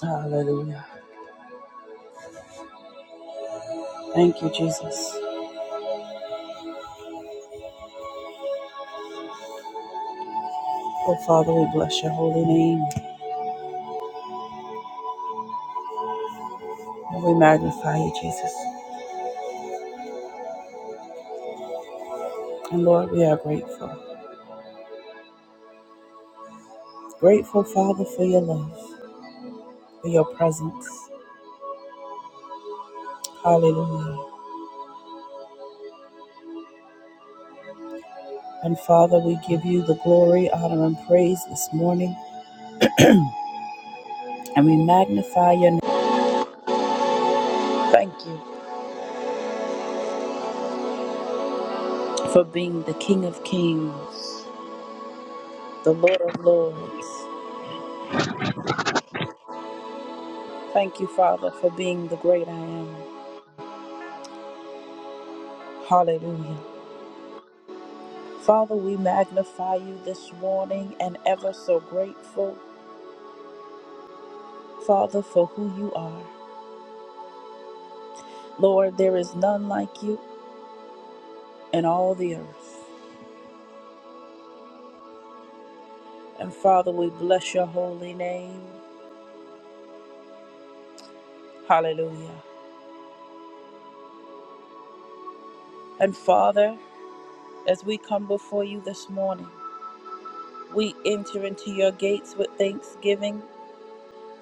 Hallelujah. Thank you, Jesus. Oh, Father, we bless your holy name and we magnify you, Jesus. And Lord, we are grateful. Grateful, Father, for your love, for your presence. Hallelujah. And Father, we give you the glory, honor, and praise this morning. And we magnify your name. Thank you for being the King of Kings, the Lord of Lords. Thank you, Father, for being the great I am. Hallelujah. Father, we magnify you this morning and ever so grateful, Father, for who you are. Lord, there is none like you in all the earth. And Father, we bless your holy name. Hallelujah. And Father, as we come before you this morning, we enter into your gates with thanksgiving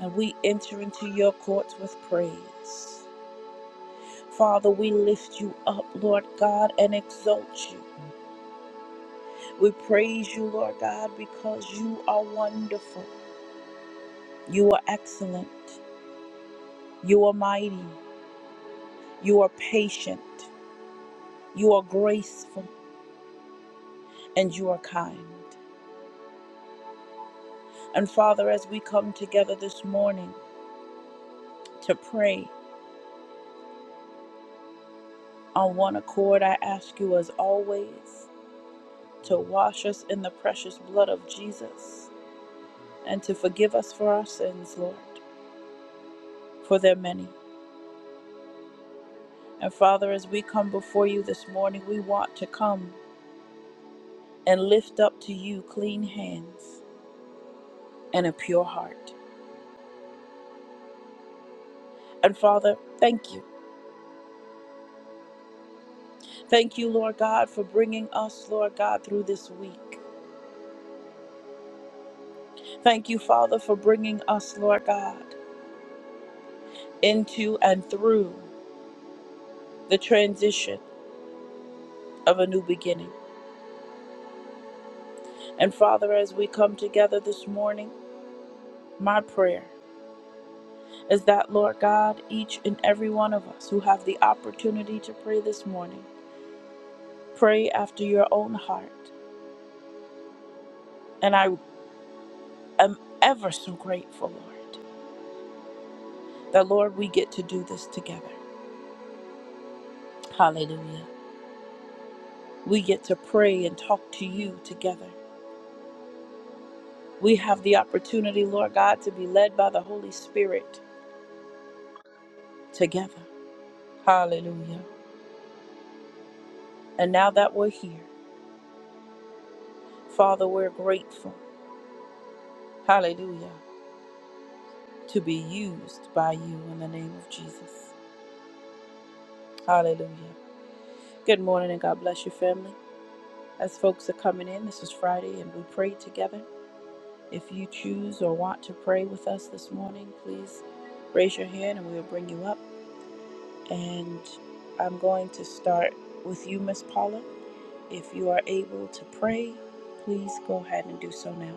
and we enter into your courts with praise. Father, we lift you up, Lord God, and exalt you. We praise you, Lord God, because you are wonderful. You are excellent. You are mighty. You are patient. You are graceful. And you are kind. And Father, as we come together this morning to pray on one accord, I ask you, as always, to wash us in the precious blood of Jesus and to forgive us for our sins, Lord, for they're many. And Father, as we come before you this morning, we want to come. and lift up to you clean hands and a pure heart. And Father, thank you. Thank you, Lord God, for bringing us, Lord God, through this week. Thank you, Father, for bringing us, Lord God, into and through the transition of a new beginning. And Father, as we come together this morning, my prayer is that, Lord God, each and every one of us who have the opportunity to pray this morning, pray after your own heart. And I. i am ever so grateful, Lord, that Lord, we get to do this together. Hallelujah. We get to pray and talk to you together. We have the opportunity, Lord God, to be led by the Holy Spirit together. Hallelujah. And now that we're here, Father, we're grateful. Hallelujah. To be used by you in the name of Jesus. Hallelujah. Good morning and God bless your family. As folks are coming in, this is Friday and we pray together. If you choose or want to pray with us this morning, please raise your hand and we will bring you up. And I'm going to start with you, Miss Paula. If you are able to pray, please go ahead and do so now.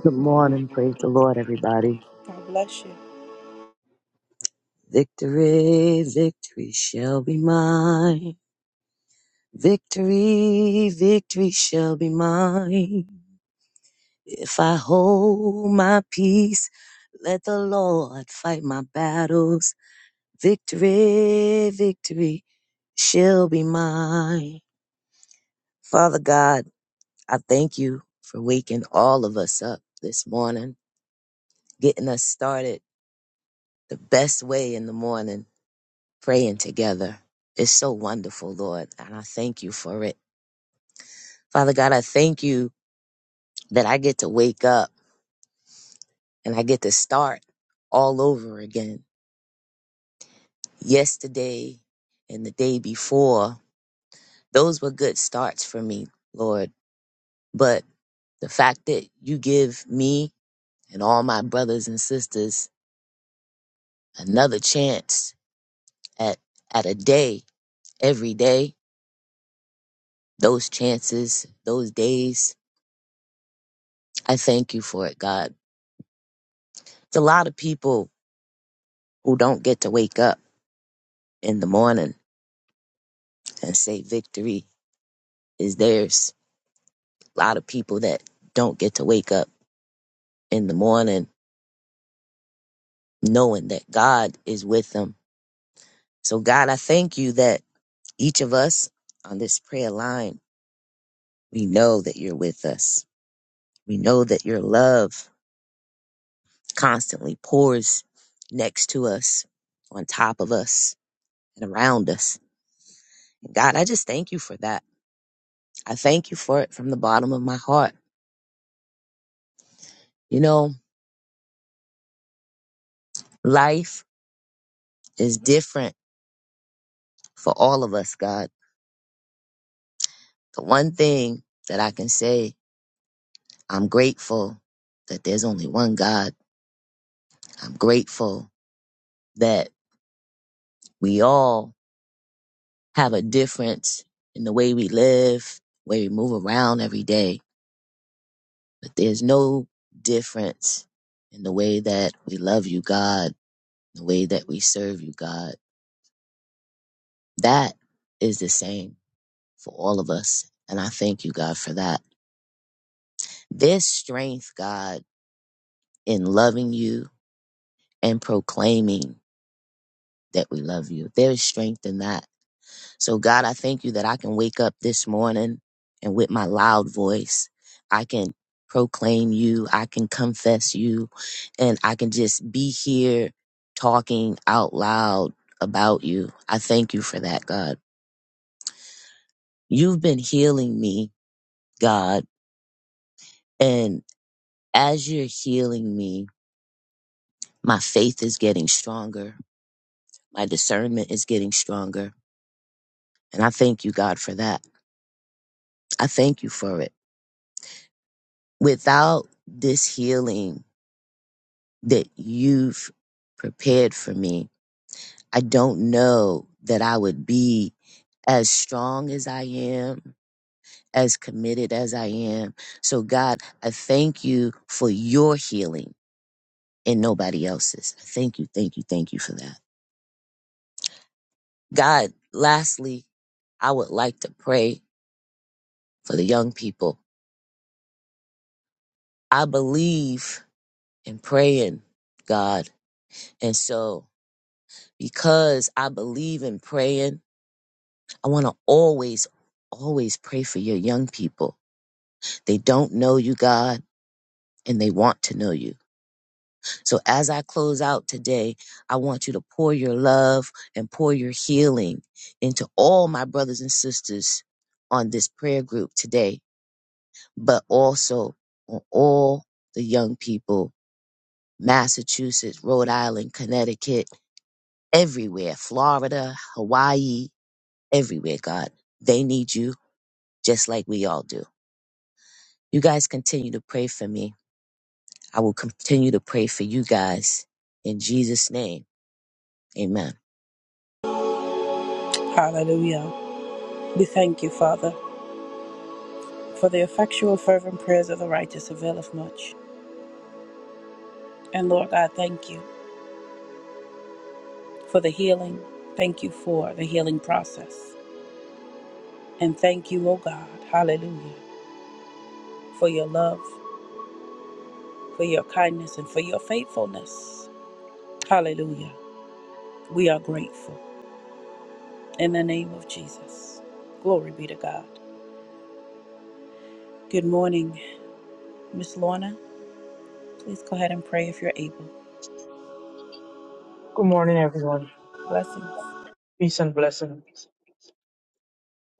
Good morning. Praise the Lord, everybody. God bless you. Victory, victory shall be mine. Victory, victory shall be mine. If I hold my peace, let the Lord fight my battles. Victory, victory shall be mine. Father God, I thank you for waking all of us up this morning, getting us started the best way in the morning. praying together. It's so wonderful, Lord, and I thank you for it. Father God, I thank you that I get to wake up and I get to start all over again. Yesterday and the day before, those were good starts for me, Lord. But the fact that you give me and all my brothers and sisters another chance at, at a day every day, those chances, those days, I thank you for it, God. It's a lot of people who don't get to wake up in the morning and say victory is theirs. A lot of people that don't get to wake up in the morning knowing that God is with them. So, God, I thank you that each of us on this prayer line, we know that you're with us. We know that your love constantly pours next to us, on top of us, and around us. God, I just thank you for that. I thank you for it from the bottom of my heart. You know, life is different for all of us, God. The one thing that I can say, I'm grateful that there's only one God. I'm grateful that we all have a difference in the way we live, way we move around every day, but there's no difference in the way that we love you, God, the way that we serve you, God. That is the same for all of us. And I thank you, God, for that. This strength, God, in loving you, and proclaiming that we love you. There is strength in that. So, God, I thank you that I can wake up this morning and with my loud voice, I can proclaim you, I can confess you, and I can just be here talking out loud about you. I thank you for that, God. You've been healing me, God, and as you're healing me, my faith is getting stronger. My discernment is getting stronger. And I thank you, God, for that. I thank you for it. Without this healing that you've prepared for me, I don't know that I would be as strong as I am, as committed as I am. So, God, I thank you for your healing and nobody else's. Thank you, thank you, thank you for that. God, lastly, I would like to pray for the young people. I believe in praying, God. And so because I believe in praying. I want to always, always pray for your young people. They don't know you, God, and they want to know you. So as I close out today, I want you to pour your love and pour your healing into all my brothers and sisters on this prayer group today, but also on all the young people, Massachusetts, Rhode Island, Connecticut, everywhere, Florida, Hawaii, everywhere, God. They need you just like we all do. You guys continue to pray for me. I will continue to pray for you guys in Jesus' name. Amen. Hallelujah. We thank you, Father, for the effectual, fervent prayers of the righteous availeth much. And Lord God, thank you for the healing. Thank you for the healing process. And thank you, O God, hallelujah, for your love. for your kindness and for your faithfulness. Hallelujah. We are grateful in the name of Jesus. Glory be to God. Good morning, Miss Lorna. Please go ahead and pray if you're able. Good morning, everyone. Blessings. Peace and blessings.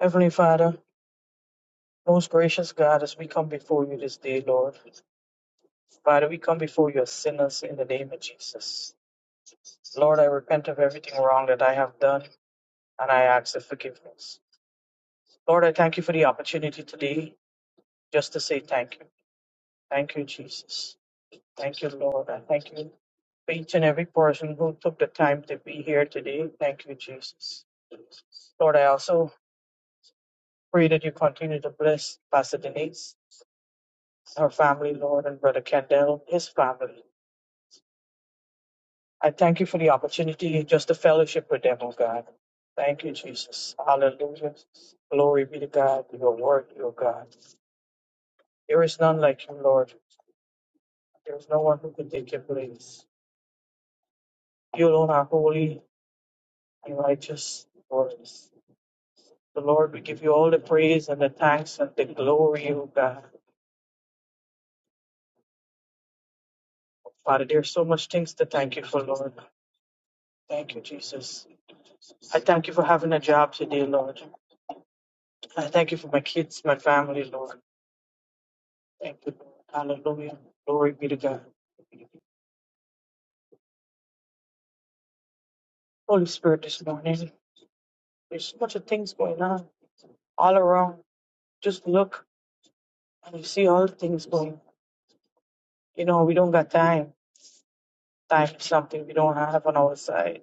Heavenly Father, most gracious God, as we come before you this day, Lord. Father, we come before you as sinners in the name of Jesus. Lord, I repent of everything wrong that I have done, and I ask for forgiveness. Lord, I thank you for the opportunity today just to say thank you. Thank you, Jesus. Thank you, Lord. I thank you for each and every person who took the time to be here today. Thank you, Jesus. Lord, I also pray that you continue to bless Pastor Denise. her family, Lord, and Brother Kendall, his family. I thank you for the opportunity just to fellowship with them, oh God. Thank you, Jesus. Hallelujah. Glory be to God. Your word, your God. There is none like you, Lord. There is no one who can take your place. You alone are holy and righteous, Lord. The Lord, we give you all the praise and the thanks and the glory, oh God. Father, there's so much things to thank you for, Lord. Thank you, Jesus. I thank you for having a job today, Lord. I thank you for my kids, my family, Lord. Thank you. Lord. Hallelujah. Glory be to God. Holy Spirit, this morning, there's so much of things going on all around. Just look and you see all the things going. on. You know, we don't got time. Time is something we don't have on our side.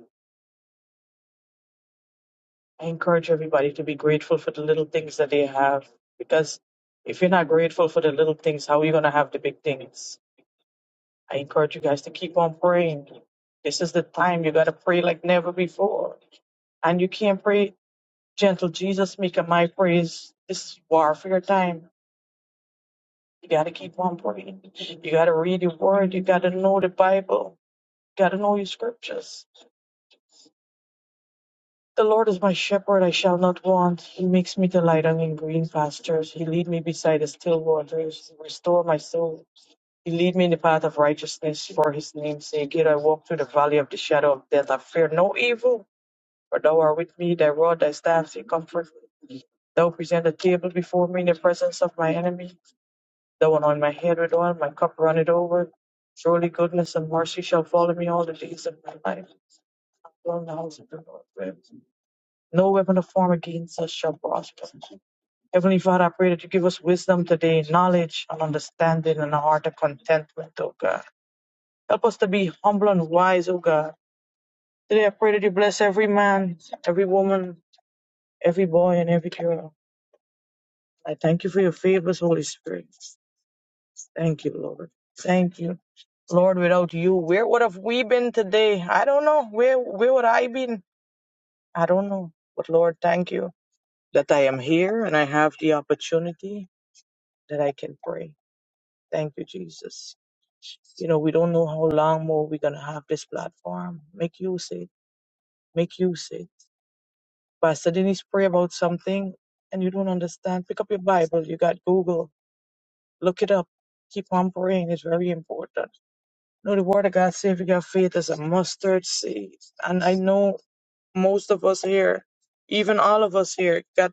I encourage everybody to be grateful for the little things that they have because if you're not grateful for the little things, how are you going to have the big things? I encourage you guys to keep on praying. This is the time you got to pray like never before. And you can't pray Gentle Jesus, make a my praise. This is warfare time. You gotta keep on praying. You gotta read your word. You gotta know the Bible. You gotta know your scriptures. The Lord is my shepherd, I shall not want. He makes me to lie down in green pastures. He lead me beside the still waters. He restore my soul. He lead me in the path of righteousness for his name's sake. Yet I walk through the valley of the shadow of death. I fear no evil, for thou art with me, thy rod, thy staff, they comfort me. Thou present a table before me in the presence of my enemy. The one on my head with oil, my cup runneth over. Surely goodness and mercy shall follow me all the days of my life. I dwell in the house of the Lord. No weapon of form against us shall prosper. Heavenly Father, I pray that you give us wisdom today, knowledge and understanding, and a heart of contentment, O God. Help us to be humble and wise, O God. Today I pray that you bless every man, every woman, every boy, and every girl. I thank you for your favors, Holy Spirit. Thank you, Lord. Thank you. Lord, without you, where would have we been today? I don't know. Where where would I been? I don't know. But Lord, thank you that I am here and I have the opportunity that I can pray. Thank you, Jesus. You know, we don't know how long more we're gonna have this platform. Make use it. Make use it. Pastor Denise pray about something and you don't understand. Pick up your Bible, you got Google, look it up. Keep on praying. It's very important. No, the word of God says if your faith is a mustard seed. And I know most of us here, even all of us here, got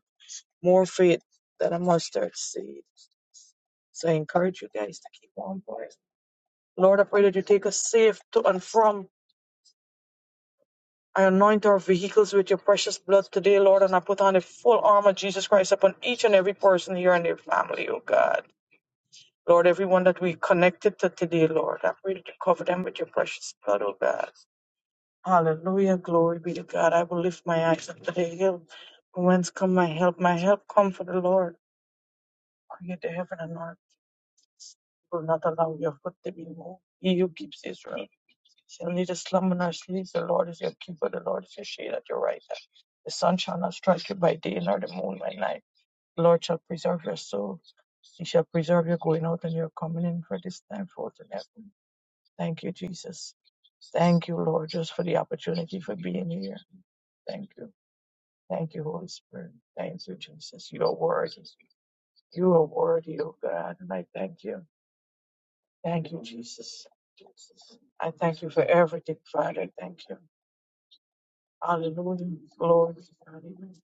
more faith than a mustard seed. So I encourage you guys to keep on praying. Lord, I pray that you take us safe to and from. I anoint our vehicles with your precious blood today, Lord, and I put on the full armor of Jesus Christ upon each and every person here and their family, oh God. Lord, everyone that we connected to today, Lord, I pray that you cover them with your precious blood, oh God. Hallelujah. Glory be to God. I will lift my eyes up to the hill. From whence come my help? My help come from the Lord, who created heaven and earth. He will not allow your foot to be moved. He who keeps Israel shall neither slumber nor sleep. The Lord is your keeper. The Lord is your shade at your right hand. The sun shall not strike you by day, nor the moon by night. The Lord shall preserve your soul. He shall preserve your going out and your coming in for this time forth and ever. Thank you, Jesus. Thank you, Lord, just for the opportunity for being here. Thank you. Thank you, Holy Spirit. Thank you, Jesus. You are worthy. You are worthy, oh God, and I thank you. Thank you, Jesus. Jesus, I thank you for everything, Father. Thank you. Hallelujah. Glory. Hallelujah.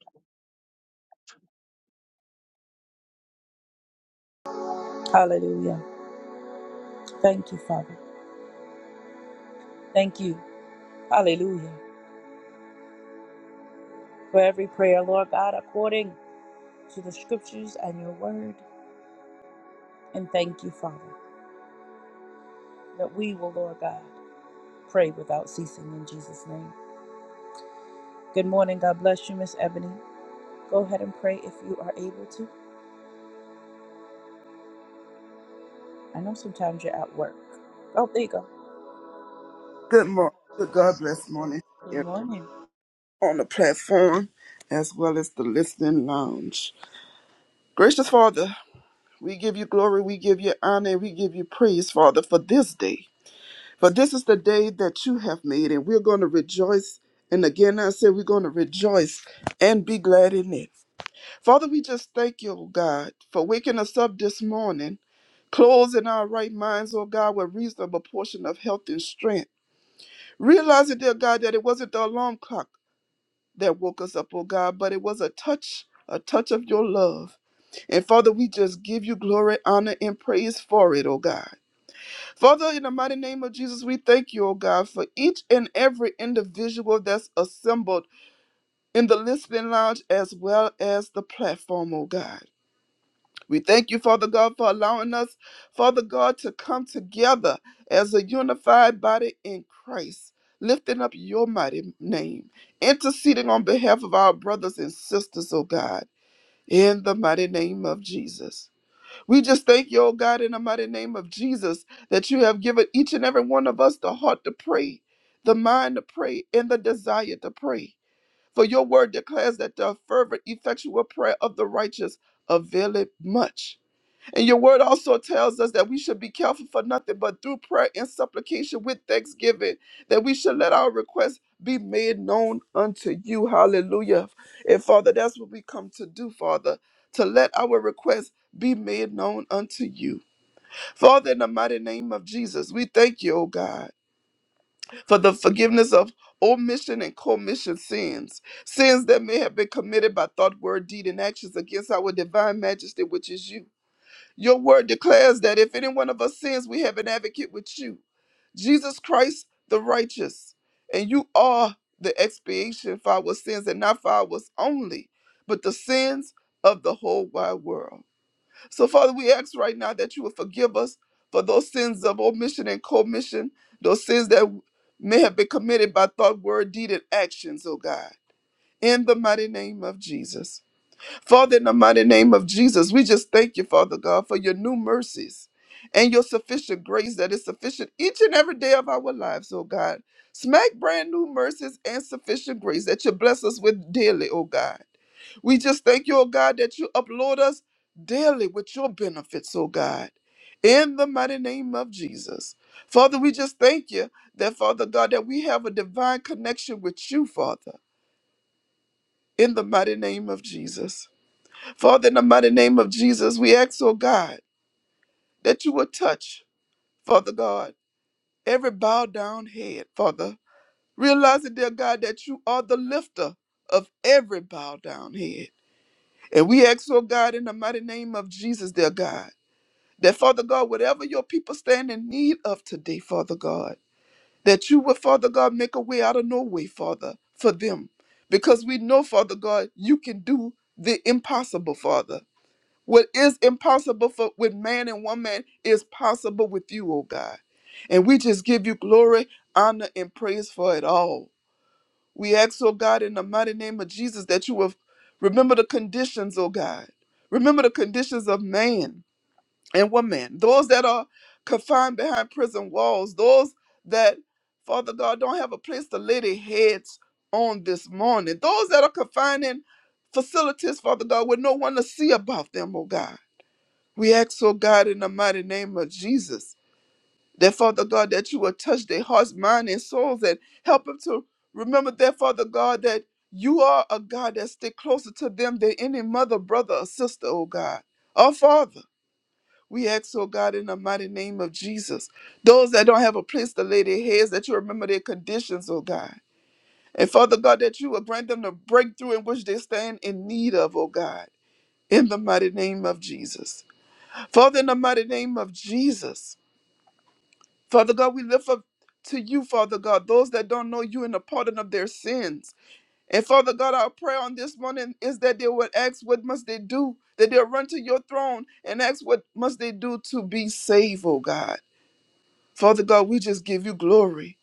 Hallelujah. Thank you, Father. Thank you. Hallelujah. For every prayer, Lord God, according to the scriptures and your word. And thank you, Father, that we will, Lord God, pray without ceasing in Jesus' name. Good morning. God bless you, Miss Ebony. Go ahead and pray if you are able to. I know sometimes you're at work. Oh, there you go. Good morning. Good God bless morning Good here morning. on the platform as well as the listening lounge. Gracious Father, we give you glory, we give you honor, and we give you praise, Father, for this day. For this is the day that you have made, and we're going to rejoice. And again, I say we're going to rejoice and be glad in it. Father, we just thank you, oh God, for waking us up this morning, closing our right minds, oh God, with reasonable portion of health and strength. Realizing, dear God, that it wasn't the alarm clock that woke us up, oh God, but it was a touch, a touch of your love. And Father, we just give you glory, honor, and praise for it, oh God. Father, in the mighty name of Jesus, we thank you, oh God, for each and every individual that's assembled in the listening lounge as well as the platform, oh God. We thank you, Father God, for allowing us, Father God, to come together as a unified body in Christ, lifting up your mighty name, interceding on behalf of our brothers and sisters, oh God, in the mighty name of Jesus. We just thank you, oh God, in the mighty name of Jesus, that you have given each and every one of us the heart to pray, the mind to pray, and the desire to pray. For your word declares that the fervent, effectual prayer of the righteous availeth much. And your word also tells us that we should be careful for nothing but through prayer and supplication with thanksgiving, that we should let our requests be made known unto you. Hallelujah. And Father, that's what we come to do, Father, to let our requests be made known unto you. Father, in the mighty name of Jesus, we thank you, O God, for the forgiveness of omission and commission sins, sins that may have been committed by thought, word, deed, and actions against our divine majesty, which is you. Your word declares that if any one of us sins, we have an advocate with you, Jesus Christ the righteous. And you are the expiation for our sins, and not for ours only, but the sins of the whole wide world. So, Father, we ask right now that you would forgive us for those sins of omission and commission, those sins that may have been committed by thought, word, deed, and actions, oh God. In the mighty name of Jesus. Father, in the mighty name of Jesus, we just thank you, Father God, for your new mercies and your sufficient grace that is sufficient each and every day of our lives, oh God. Smack brand new mercies and sufficient grace that you bless us with daily, oh God. We just thank you, oh God, that you upload us daily with your benefits, oh God. In the mighty name of Jesus. Father, we just thank you that, Father God, that we have a divine connection with you, Father, in the mighty name of Jesus. Father, in the mighty name of Jesus, we ask, oh God, that you will touch, Father God, every bowed down head, Father. Realizing, dear God, that you are the lifter of every bowed down head. And we ask, oh God, in the mighty name of Jesus, dear God, that Father God, whatever your people stand in need of today, Father God, that you will, Father God, make a way out of no way, Father, for them. Because we know, Father God, you can do the impossible, Father. What is impossible for with man and woman is possible with you, oh God. And we just give you glory, honor, and praise for it all. We ask, oh God, in the mighty name of Jesus, that you will remember the conditions, oh God. Remember the conditions of man and woman, those that are confined behind prison walls, those that, Father God, don't have a place to lay their heads on this morning, those that are confined in facilities, Father God, with no one to see about them, oh God. We ask, oh God, in the mighty name of Jesus, that Father God, that you will touch their hearts, mind, and souls, and help them to remember that, Father God, that you are a God that stick closer to them than any mother, brother, or sister, oh God. Our Father, we ask, oh God, in the mighty name of Jesus, those that don't have a place to lay their heads, that you remember their conditions, oh God. And Father God, that you will grant them the breakthrough in which they stand in need of, oh God, in the mighty name of Jesus. Father, in the mighty name of Jesus, Father God, we lift up to you, Father God, those that don't know you and the pardon of their sins. And Father God, our prayer on this morning is that they would ask, What must they do? That they'll run to your throne and ask, What must they do to be saved, oh God? Father God, we just give you glory.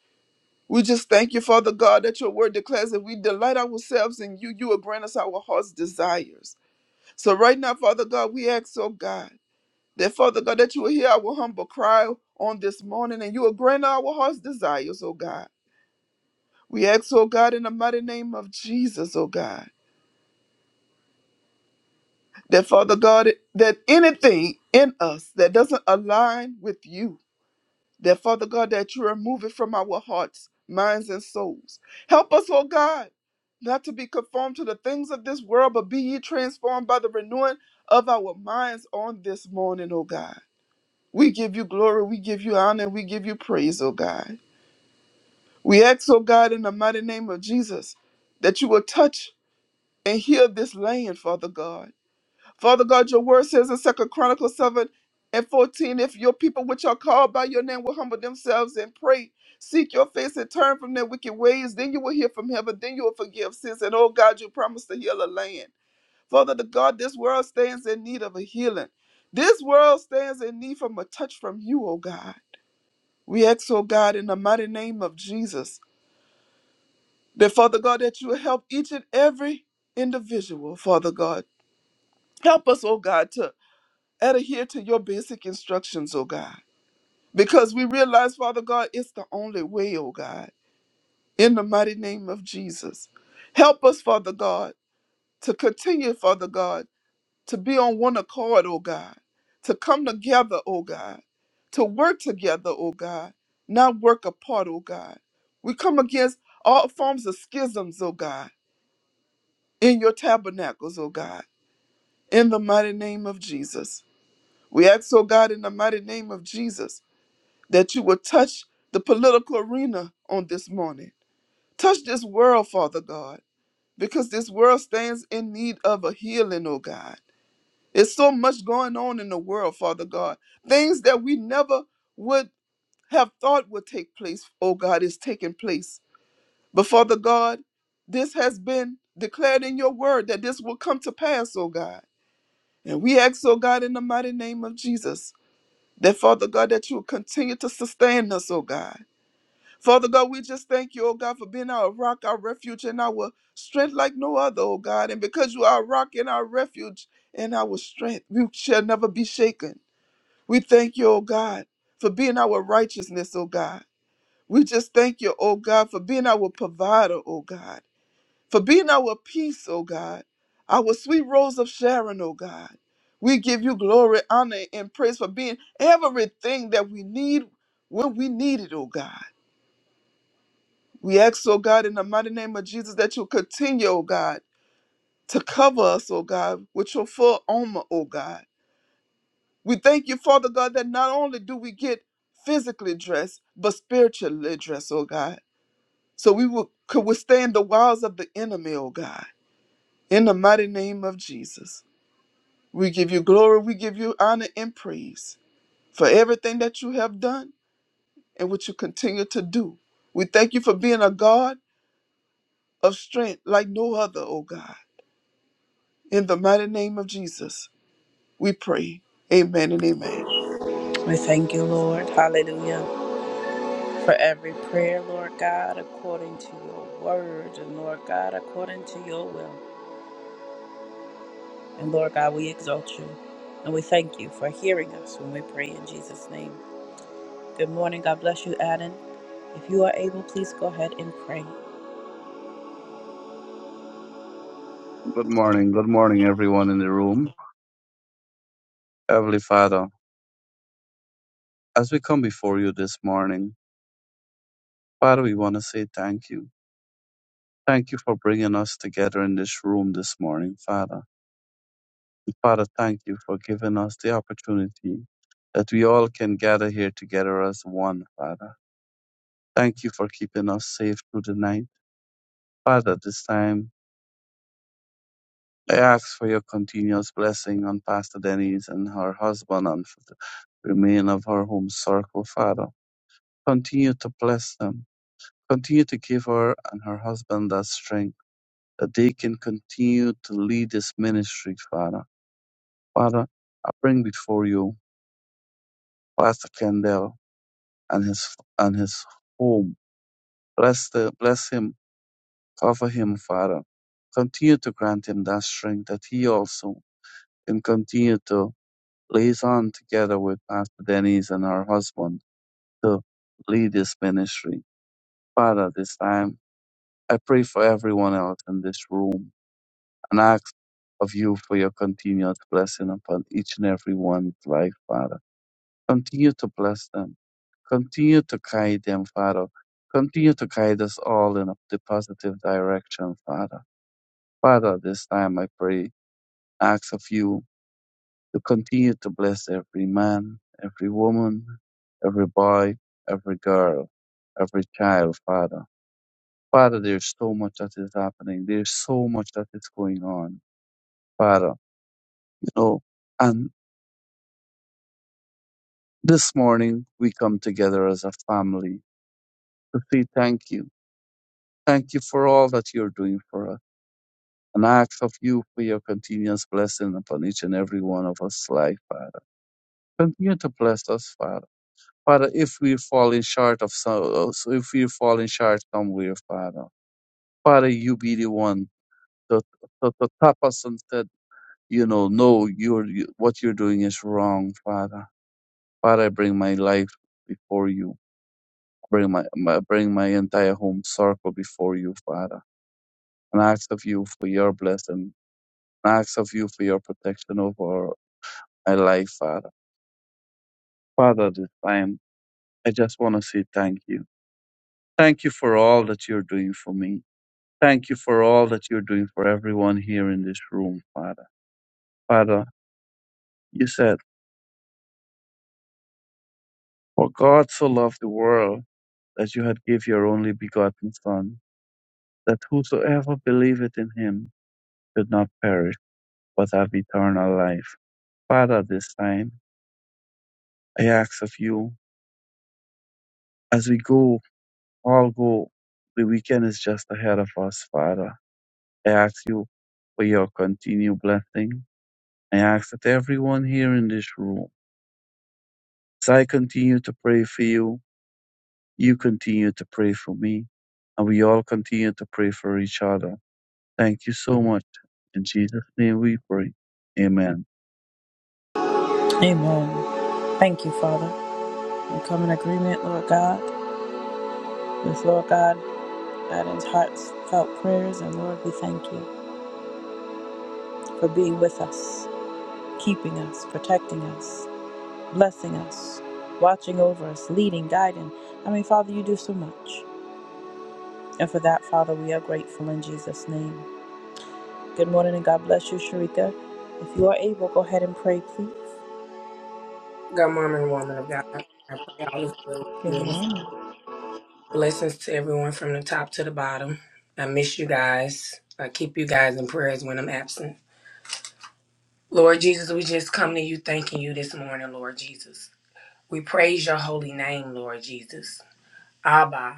We just thank you, Father God, that your word declares that we delight ourselves in you. You will grant us our heart's desires. So, right now, Father God, we ask, oh God. That Father God, that you will hear our humble cry on this morning and you will grant our heart's desires, oh God. We ask, oh God, in the mighty name of Jesus, oh God, that Father God, that anything in us that doesn't align with you, that Father God, that you remove it from our hearts, minds, and souls. Help us, oh God, not to be conformed to the things of this world, but be ye transformed by the renewing of our minds on this morning, oh God. We give you glory, we give you honor, and we give you praise, oh God. We ask, O God, in the mighty name of Jesus, that you will touch and heal this land, Father God. Father God, your word says in Second Chronicles 7 and 14, if your people which are called by your name will humble themselves and pray, seek your face and turn from their wicked ways, then you will hear from heaven, then you will forgive sins. And oh God, you promised to heal a land. Father the God, this world stands in need of a healing. This world stands in need from a touch from you, O God. We ask, O God, in the mighty name of Jesus That, Father God, that you will help each and every individual, Father God. Help us, oh God, to adhere to your basic instructions, oh God. Because we realize, Father God, it's the only way, oh God, in the mighty name of Jesus. Help us, Father God, to continue, Father God, to be on one accord, oh God, to come together, oh God, to work together, oh God, not work apart, oh God. We come against all forms of schisms, oh God in your tabernacles, O God, in the mighty name of Jesus. We ask, O God, in the mighty name of Jesus, that you will touch the political arena on this morning. Touch this world, Father God, because this world stands in need of a healing, O God. There's so much going on in the world, Father God. Things that we never would have thought would take place, O God, is taking place. But Father God, this has been declared in your word that this will come to pass, O God. And we ask, oh God, in the mighty name of Jesus, that Father God, that you will continue to sustain us, oh God. Father God, we just thank you, oh God, for being our rock, our refuge, and our strength like no other, oh God. And because you are our rock and our refuge and our strength, we shall never be shaken. We thank you, oh God, for being our righteousness, oh God. We just thank you, oh God, for being our provider, oh God for being our peace, O God, our sweet rose of Sharon, O God. We give you glory, honor, and praise for being everything that we need when we need it, O God. We ask, O God, in the mighty name of Jesus, that you continue, O God, to cover us, O God, with your full armor, O God. We thank you, Father God, that not only do we get physically dressed, but spiritually dressed, O God. So we will, could withstand the wiles of the enemy, O God, in the mighty name of Jesus. We give you glory, we give you honor and praise for everything that you have done and what you continue to do. We thank you for being a God of strength like no other, O God. In the mighty name of Jesus, we pray. Amen and amen. We thank you, Lord. Hallelujah. For every prayer, Lord God, according to your word, and Lord God, according to your will. And Lord God, we exalt you. And we thank you for hearing us when we pray in Jesus' name. Good morning. God bless you, Adam. If you are able, please go ahead and pray. Good morning, good morning, everyone in the room. Heavenly Father, as we come before you this morning, Father, we want to say thank you. Thank you for bringing us together in this room this morning, Father. And Father, thank you for giving us the opportunity that we all can gather here together as one, Father. Thank you for keeping us safe through the night. Father, at this time, I ask for your continuous blessing on Pastor Denise and her husband and for the remain of her home circle, Father. Continue to bless them Continue to give her and her husband that strength, that they can continue to lead this ministry, Father. Father, I bring before you Pastor Kendall and his and his home. Bless the bless him, cover him, Father. Continue to grant him that strength that he also can continue to liaison together with Pastor Denise and her husband to lead this ministry. Father, this time I pray for everyone else in this room and I ask of you for your continued blessing upon each and every one's life, Father. Continue to bless them. Continue to guide them, Father. Continue to guide us all in the positive direction, Father. Father, this time I pray, ask of you to continue to bless every man, every woman, every boy, every girl, every child, Father. Father, there's so much that is happening. There's so much that is going on, Father. You know, and This morning, we come together as a family to say thank you. Thank you for all that you're doing for us. And I ask of you for your continuous blessing upon each and every one of us life, Father. Continue to bless us, Father. Father, if we're falling short of so, so if we're falling short somewhere, Father, Father, you be the one to, to, to tap us and said, you know, no, you're, you, what you're doing is wrong, Father. Father, I bring my life before you. Bring my, my bring my entire home circle before you, Father, and I ask of you for your blessing, and I ask of you for your protection over my life, Father. Father, this time I just want to say thank you. Thank you for all that you're doing for me. Thank you for all that you're doing for everyone here in this room, Father. Father, you said, For God so loved the world that you had give your only begotten Son, that whosoever believeth in him should not perish, but have eternal life. Father, this time I ask of you, as we go, all go, the weekend is just ahead of us, Father. I ask you for your continued blessing. I ask that everyone here in this room, as I continue to pray for you, you continue to pray for me, and we all continue to pray for each other. Thank you so much. In Jesus' name we pray. Amen. Amen. Thank you, Father. We come in agreement, Lord God, with Lord God, Adam's heartfelt prayers, and Lord, we thank you for being with us, keeping us, protecting us, blessing us, watching over us, leading, guiding. I mean, Father, you do so much. And for that, Father, we are grateful in Jesus' name. Good morning and God bless you, Sharika. If you are able, go ahead and pray, please. Good morning, woman of God. I pray all is well with Good you. And morning. blessings to everyone from the top to the bottom. I miss you guys. I keep you guys in prayers when I'm absent. Lord Jesus, we just come to you thanking you this morning, Lord Jesus. We praise your holy name, Lord Jesus. Abba,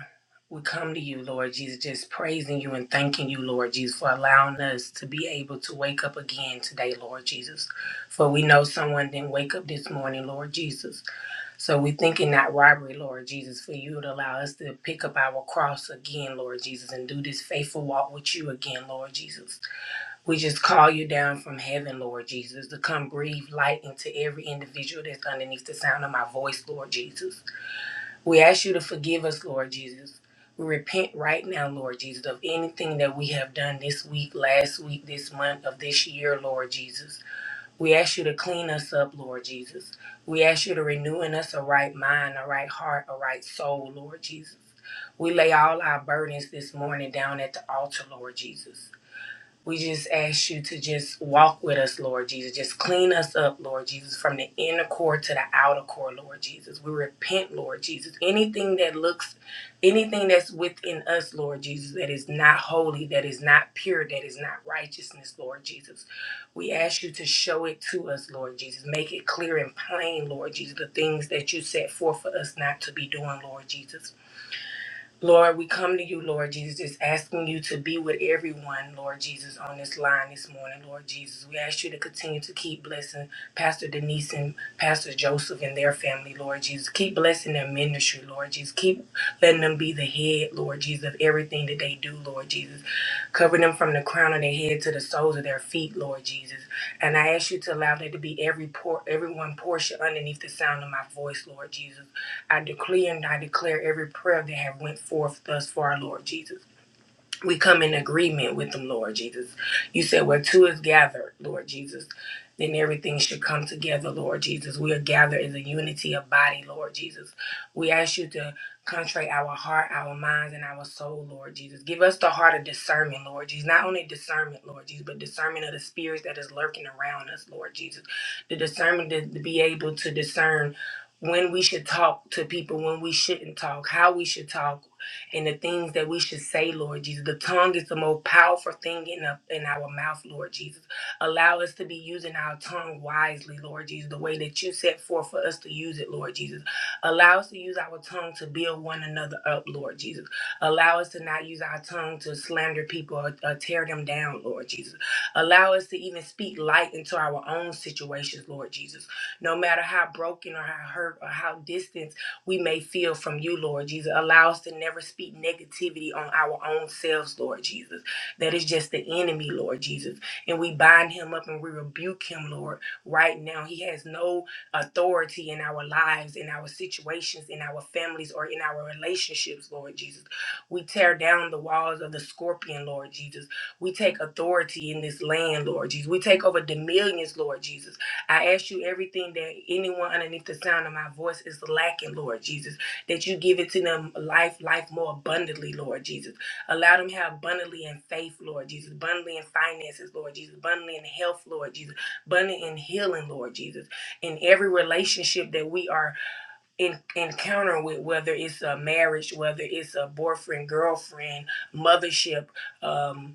we come to you, Lord Jesus, just praising you and thanking you, Lord Jesus, for allowing us to be able to wake up again today, Lord Jesus. For we know someone didn't wake up this morning, Lord Jesus. So we thinking that robbery, Lord Jesus, for you to allow us to pick up our cross again, Lord Jesus, and do this faithful walk with you again, Lord Jesus. We just call you down from heaven, Lord Jesus, to come breathe light into every individual that's underneath the sound of my voice, Lord Jesus. We ask you to forgive us, Lord Jesus. We repent right now, Lord Jesus, of anything that we have done this week, last week, this month, of this year, Lord Jesus. We ask you to clean us up, Lord Jesus. We ask you to renew in us a right mind, a right heart, a right soul, Lord Jesus. We lay all our burdens this morning down at the altar, Lord Jesus. We just ask you to just walk with us, Lord Jesus. Just clean us up, Lord Jesus, from the inner core to the outer core, Lord Jesus. We repent, Lord Jesus. Anything that looks, anything that's within us, Lord Jesus, that is not holy, that is not pure, that is not righteousness, Lord Jesus. We ask you to show it to us, Lord Jesus. Make it clear and plain, Lord Jesus, the things that you set forth for us not to be doing, Lord Jesus. Lord, we come to you, Lord Jesus, asking you to be with everyone, Lord Jesus, on this line this morning, Lord Jesus. We ask you to continue to keep blessing Pastor Denise and Pastor Joseph and their family, Lord Jesus. Keep blessing their ministry, Lord Jesus. Keep letting them be the head, Lord Jesus, of everything that they do, Lord Jesus. Cover them from the crown of their head to the soles of their feet, Lord Jesus. And I ask you to allow there to be every por- every one portion underneath the sound of my voice, Lord Jesus. I declare, and I declare every prayer that have went forth thus far, Lord Jesus we come in agreement with them, Lord Jesus. You said where two is gathered, Lord Jesus, then everything should come together, Lord Jesus. We are gathered as a unity of body, Lord Jesus. We ask you to contrite our heart, our minds, and our soul, Lord Jesus. Give us the heart of discernment, Lord Jesus. Not only discernment, Lord Jesus, but discernment of the spirits that is lurking around us, Lord Jesus. The discernment to, to be able to discern when we should talk to people, when we shouldn't talk, how we should talk, and the things that we should say, Lord Jesus. The tongue is the most powerful thing in, a, in our mouth, Lord Jesus. Allow us to be using our tongue wisely, Lord Jesus, the way that you set forth for us to use it, Lord Jesus. Allow us to use our tongue to build one another up, Lord Jesus. Allow us to not use our tongue to slander people or, or tear them down, Lord Jesus. Allow us to even speak light into our own situations, Lord Jesus. No matter how broken or how hurt or how distant we may feel from you, Lord Jesus. Allow us to never speak negativity on our own selves, Lord Jesus. That is just the enemy, Lord Jesus. And we bind him up and we rebuke him, Lord, right now. He has no authority in our lives, in our situations, in our families, or in our relationships, Lord Jesus. We tear down the walls of the scorpion, Lord Jesus. We take authority in this land, Lord Jesus. We take over the millions, Lord Jesus. I ask you everything that anyone underneath the sound of my voice is lacking, Lord Jesus, that you give it to them life, life more abundantly, Lord Jesus. Allow them to have abundantly in faith, Lord Jesus, abundantly in finances, Lord Jesus, abundantly in health, Lord Jesus, abundantly in healing, Lord Jesus. In every relationship that we are in encountering with, whether it's a marriage, whether it's a boyfriend, girlfriend, mothership, um,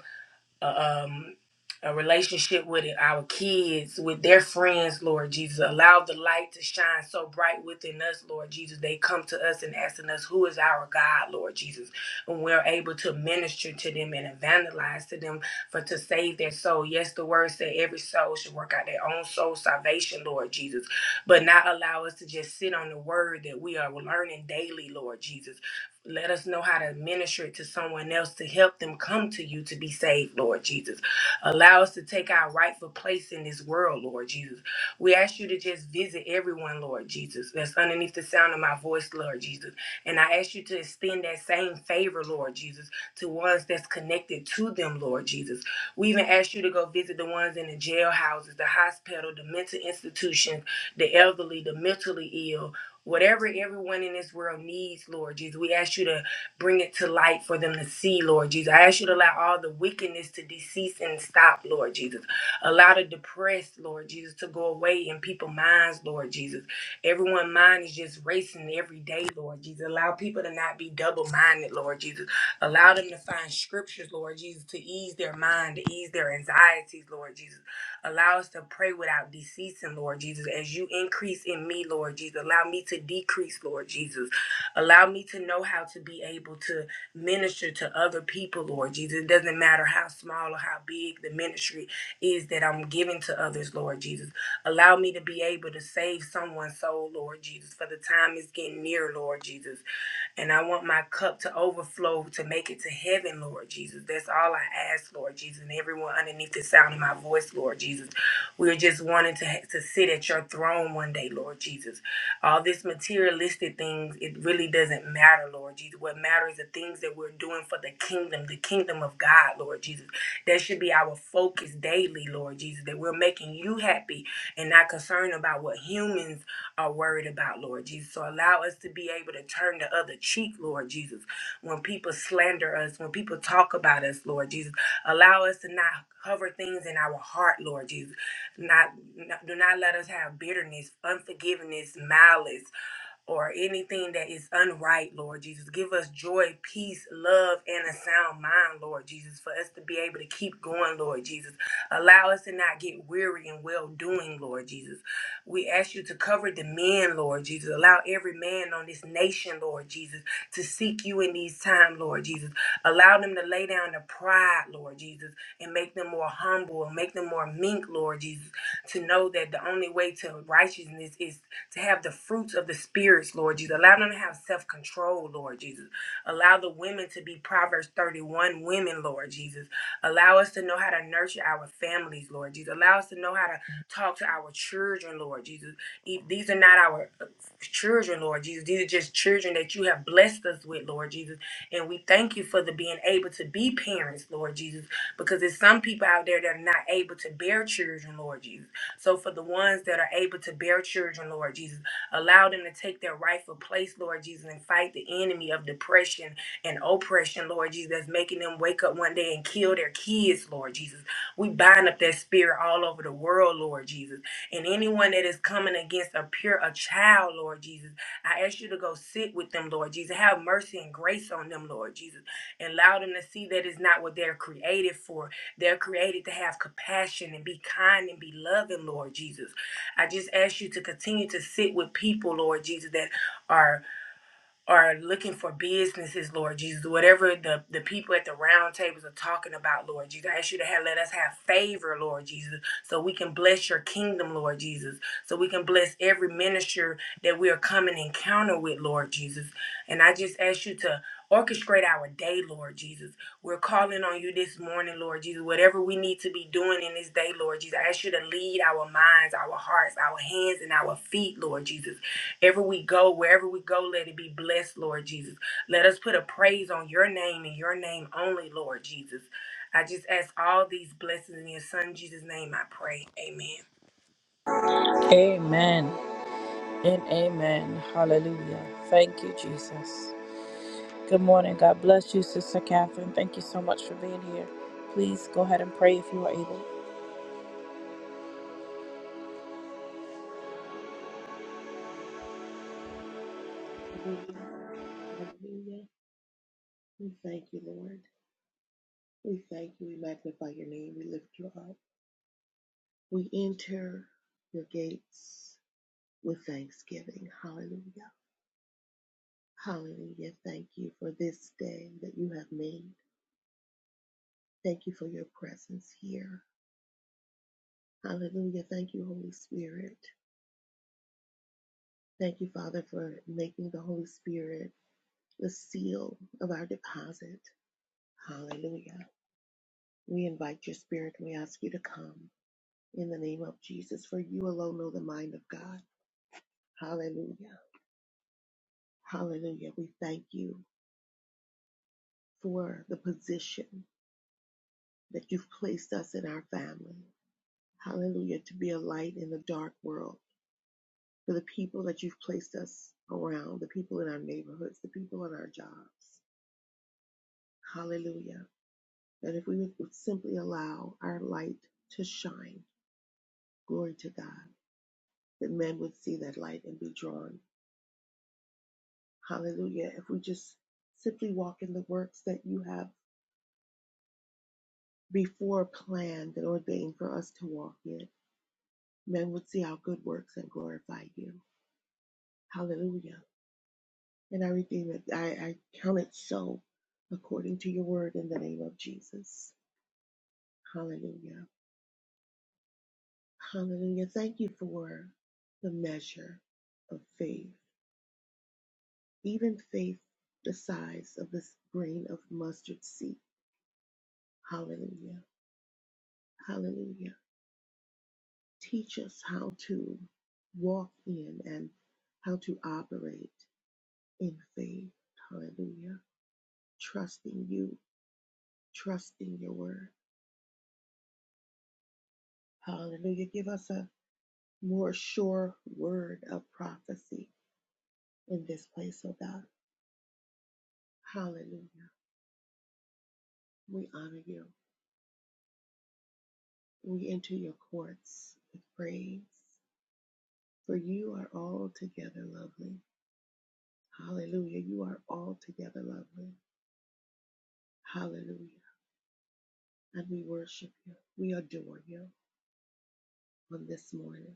a, um, a relationship with it, our kids, with their friends, Lord Jesus. Allow the light to shine so bright within us, Lord Jesus. They come to us and asking us, Who is our God, Lord Jesus? And we're able to minister to them and evangelize to them for to save their soul. Yes, the word said every soul should work out their own soul salvation, Lord Jesus. But not allow us to just sit on the word that we are learning daily, Lord Jesus let us know how to minister it to someone else to help them come to you to be saved, Lord Jesus. Allow us to take our rightful place in this world, Lord Jesus. We ask you to just visit everyone, Lord Jesus, that's underneath the sound of my voice, Lord Jesus. And I ask you to extend that same favor, Lord Jesus, to ones that's connected to them, Lord Jesus. We even ask you to go visit the ones in the jailhouses, the hospital, the mental institutions, the elderly, the mentally ill, Whatever everyone in this world needs, Lord Jesus, we ask you to bring it to light for them to see, Lord Jesus. I ask you to allow all the wickedness to decease and stop, Lord Jesus. Allow the depressed, Lord Jesus, to go away in people's minds, Lord Jesus. Everyone's mind is just racing every day, Lord Jesus. Allow people to not be double minded, Lord Jesus. Allow them to find scriptures, Lord Jesus, to ease their mind, to ease their anxieties, Lord Jesus. Allow us to pray without deceasing, Lord Jesus. As you increase in me, Lord Jesus, allow me to decrease, Lord Jesus. Allow me to know how to be able to minister to other people, Lord Jesus. It doesn't matter how small or how big the ministry is that I'm giving to others, Lord Jesus. Allow me to be able to save someone's soul, Lord Jesus, for the time is getting near, Lord Jesus. And I want my cup to overflow to make it to heaven, Lord Jesus. Jesus. That's all I ask, Lord Jesus, and everyone underneath the sound of my voice, Lord Jesus. We're just wanting to, to sit at your throne one day, Lord Jesus. All this materialistic things, it really doesn't matter, Lord Jesus. What matters is the things that we're doing for the kingdom, the kingdom of God, Lord Jesus. That should be our focus daily, Lord Jesus, that we're making you happy and not concerned about what humans are worried about, Lord Jesus. So allow us to be able to and turn the other cheek, Lord Jesus. When people slander us, when people talk about us, Lord Jesus, allow us to not hover things in our heart, Lord Jesus. Not, not do not let us have bitterness, unforgiveness, malice, or anything that is unright, Lord Jesus. Give us joy, peace, love, and a sound mind, Lord Jesus, for us to be able to keep going, Lord Jesus. Allow us to not get weary in well doing, Lord Jesus. We ask you to cover the men, Lord Jesus. Allow every man on this nation, Lord Jesus, to seek you in these times, Lord Jesus. Allow them to lay down their pride, Lord Jesus, and make them more humble and make them more meek, Lord Jesus, to know that the only way to righteousness is to have the fruits of the spirits, Lord Jesus. Allow them to have self control, Lord Jesus. Allow the women to be Proverbs 31 women, Lord Jesus. Allow us to know how to nurture our families, Lord Jesus. Allow us to know how to talk to our children, Lord Jesus. E- These are not our uh, children, Lord Jesus. These are just children that you have blessed us with, Lord Jesus. And we thank you for the being able to be parents, Lord Jesus, because there's some people out there that are not able to bear children, Lord Jesus. So for the ones that are able to bear children, Lord Jesus, allow them to take their rightful place, Lord Jesus, and fight the enemy of depression and oppression, Lord Jesus, that's making them wake up one day and kill their kids, Lord Jesus. We bind up that spirit all over the world, Lord Jesus. And anyone that is coming against a pure a child, Lord Jesus, I ask you to go sit with them, Lord Jesus. Have mercy and grace on them, Lord Jesus. And allow them to see that it's not what they're created for. They're created to have compassion and be kind and be loving, Lord Jesus. I just ask you to continue to sit with people, Lord Jesus, that are are looking for businesses, Lord Jesus, whatever the, the people at the round tables are talking about, Lord Jesus. I ask you to have, let us have favor, Lord Jesus, so we can bless your kingdom, Lord Jesus, so we can bless every minister that we are coming encounter with, Lord Jesus. And I just ask you to Orchestrate our day, Lord Jesus. We're calling on you this morning, Lord Jesus. Whatever we need to be doing in this day, Lord Jesus, I ask you to lead our minds, our hearts, our hands, and our feet, Lord Jesus. Ever we go, wherever we go, let it be blessed, Lord Jesus. Let us put a praise on your name and your name only, Lord Jesus. I just ask all these blessings in your son Jesus' name, I pray. Amen. Amen and amen. Hallelujah. Thank you, Jesus. Good morning. God bless you, Sister Catherine. Thank you so much for being here. Please go ahead and pray if you are able. Hallelujah. Hallelujah. We thank you, Lord. We thank you. We magnify your name. We lift you up. We enter your gates with thanksgiving. Hallelujah. Hallelujah. Thank you for this day that you have made. Thank you for your presence here. Hallelujah. Thank you, Holy Spirit. Thank you, Father, for making the Holy Spirit the seal of our deposit. Hallelujah. We invite your spirit. and We ask you to come. in the name of Jesus, for you alone know the mind of God. Hallelujah. Hallelujah. We thank you for the position that you've placed us in our family. Hallelujah. To be a light in the dark world, for the people that you've placed us around, the people in our neighborhoods, the people in our jobs. Hallelujah. That if we would simply allow our light to shine, glory to God, that men would see that light and be drawn Hallelujah. If we just simply walk in the works that you have before planned and ordained for us to walk in, men would see our good works and glorify you. Hallelujah. And I redeem it. I, I count it so according to your word in the name of Jesus. Hallelujah. Hallelujah. Thank you for the measure of faith, even faith the size of this grain of mustard seed. Hallelujah. Hallelujah. teach us how to walk in and how to operate in faith. Hallelujah. Trusting you, trusting your word. Hallelujah. Give us a more sure word of prophecy in this place, oh God. Hallelujah. We honor you. We enter your courts with praise, for you are altogether lovely. Hallelujah. You are altogether lovely. Hallelujah. And we worship you. We adore you. on this morning.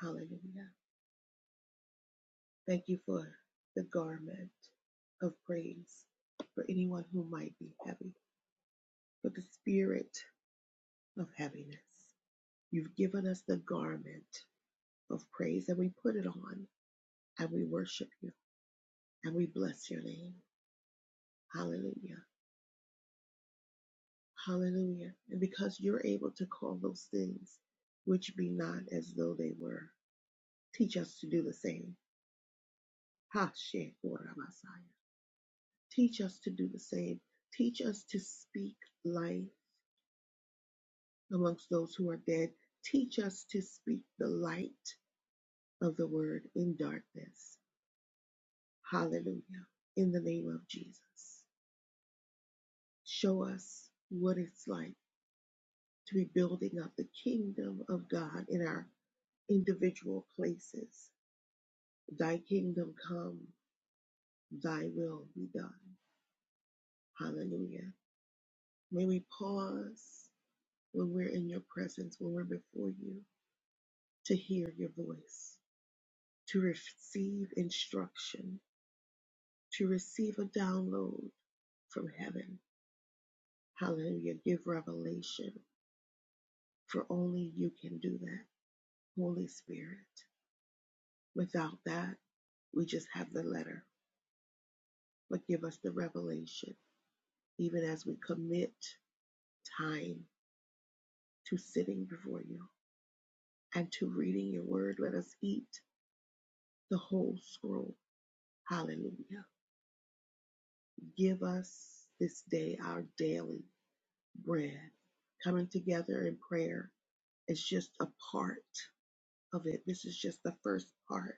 Hallelujah. Thank you for the garment of praise for anyone who might be heavy, for the spirit of heaviness. You've given us the garment of praise and we put it on and we worship you and we bless your name. Hallelujah. Hallelujah. And because you're able to call those things which be not as though they were, teach us to do the same. Ha, she, Teach us to do the same. Teach us to speak life amongst those who are dead. Teach us to speak the light of the word in darkness. Hallelujah. In the name of Jesus. Show us what it's like to be building up the kingdom of God in our individual places. Thy kingdom come, thy will be done. Hallelujah. May we pause when we're in your presence, when we're before you to hear your voice, to receive instruction, to receive a download from heaven. Hallelujah. Give revelation, for only you can do that, Holy Spirit. Without that, we just have the letter, but give us the revelation, even as we commit time to sitting before you and to reading your word. Let us eat the whole scroll. Hallelujah. Give us this day our daily bread, coming together in prayer is just a part of it. This is just the first part.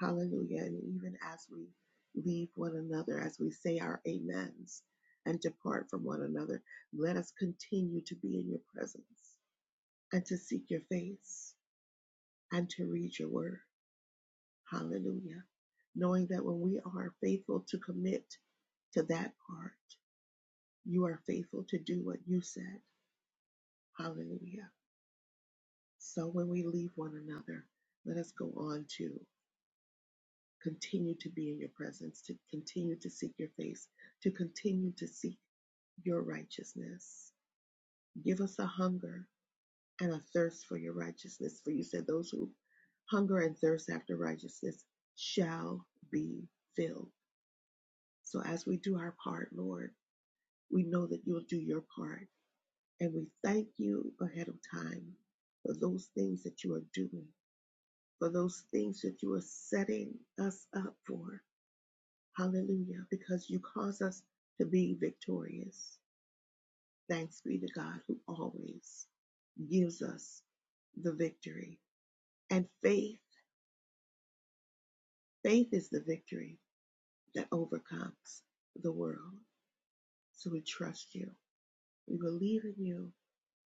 Hallelujah. And even as we leave one another, as we say our amens and depart from one another, let us continue to be in your presence and to seek your face and to read your word. Hallelujah. Knowing that when we are faithful to commit to that part, you are faithful to do what you said. Hallelujah So when we leave one another, let us go on to continue to be in your presence, to continue to seek your face, to continue to seek your righteousness. Give us a hunger and a thirst for your righteousness. For you said, Those who hunger and thirst after righteousness shall be filled. So as we do our part, Lord, we know that you'll do your part. And we thank you ahead of time for those things that you are doing for those things that you are setting us up for. Hallelujah. Because you cause us to be victorious. Thanks be to God who always gives us the victory. And faith, faith is the victory that overcomes the world. So we trust you. We believe in you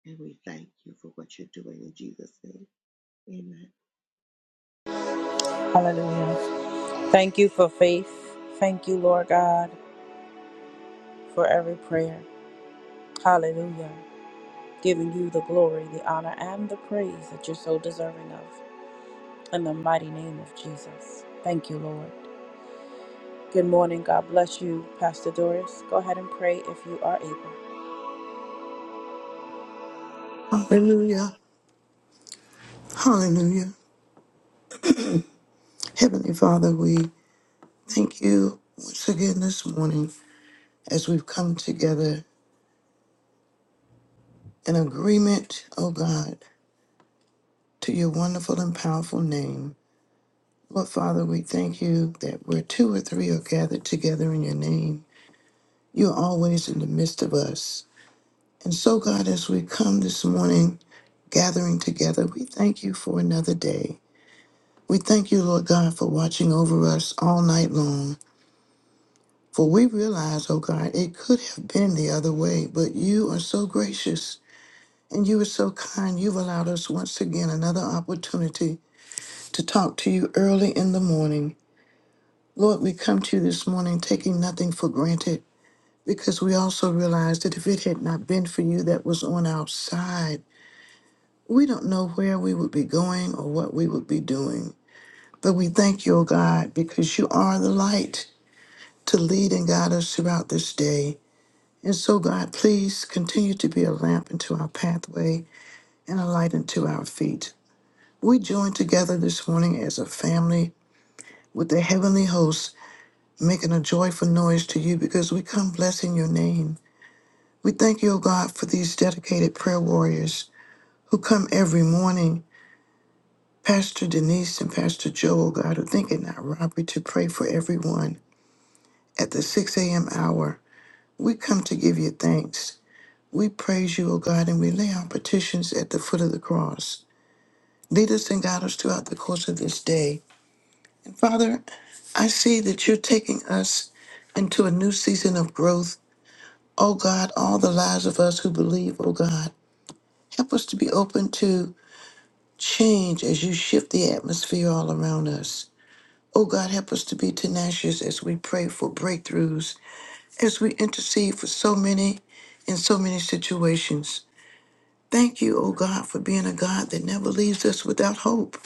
and we thank you for what you're doing in Jesus' name. Amen. Hallelujah. Thank you for faith. Thank you, Lord God, for every prayer. Hallelujah. Giving you the glory, the honor, and the praise that you're so deserving of. In the mighty name of Jesus. Thank you, Lord. Good morning. God bless you, Pastor Doris. Go ahead and pray if you are able. Hallelujah. Hallelujah. Heavenly Father, we thank you once again this morning as we've come together in agreement, oh God, to your wonderful and powerful name. Lord Father, we thank you that where two or three are gathered together in your name, you're always in the midst of us. And so, God, as we come this morning, gathering together, we thank you for another day. We thank you, Lord God, for watching over us all night long. For we realize, oh God, it could have been the other way, but you are so gracious and you are so kind. You've allowed us once again another opportunity to talk to you early in the morning. Lord, we come to you this morning taking nothing for granted because we also realize that if it had not been for you that was on our side, we don't know where we would be going or what we would be doing. But we thank you, oh God, because you are the light to lead and guide us throughout this day. And so, God, please continue to be a lamp into our pathway and a light into our feet. We join together this morning as a family with the heavenly hosts, making a joyful noise to you because we come blessing your name. We thank you, O God, for these dedicated prayer warriors who come every morning. Pastor Denise and Pastor Joe, O God, who think it not robbery to pray for everyone at the 6 a.m. hour. We come to give you thanks. We praise you, O God, and we lay our petitions at the foot of the cross. Lead us and guide us throughout the course of this day. And Father, I see that you're taking us into a new season of growth. Oh God, all the lives of us who believe, oh God, help us to be open to change as you shift the atmosphere all around us. Oh God, help us to be tenacious as we pray for breakthroughs, as we intercede for so many in so many situations. Thank you, oh God, for being a God that never leaves us without hope.